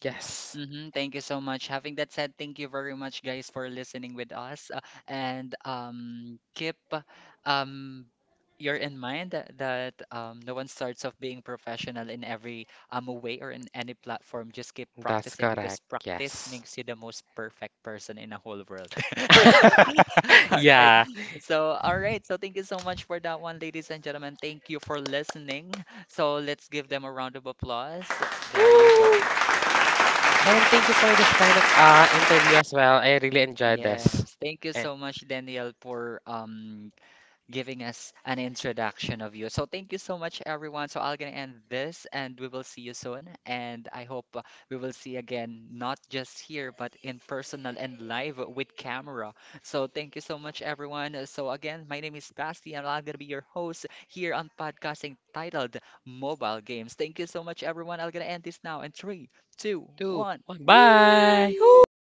yes, Hmm. Thank you so much. Having that said, thank you very much, guys, for listening with us. And keep um, you're in mind that, that no one starts off being professional in every way or in any platform. Just keep that's practicing because correct. practice Yes. makes you the most perfect person in the whole world. [laughs] [laughs] All right. Yeah. So, all right. So, thank you so much for that one, ladies and gentlemen. Thank you for listening. So, let's give them a round of applause. [gasps] There you Woo! go. And thank you for this kind of interview as well. I really enjoyed this. Yes. Thank you And so much, Danielle, for giving us an introduction of you. So thank you so much, everyone. So I'm gonna end this, and we will see you soon. And I hope we will see again, not just here, but in personal and live with camera. So thank you so much, everyone. So again, my name is Basti, and I'm gonna be your host here on podcasting titled Mobile Games. Thank you so much, everyone. I'm gonna end this now in three, two, two, one. one, bye. Woo!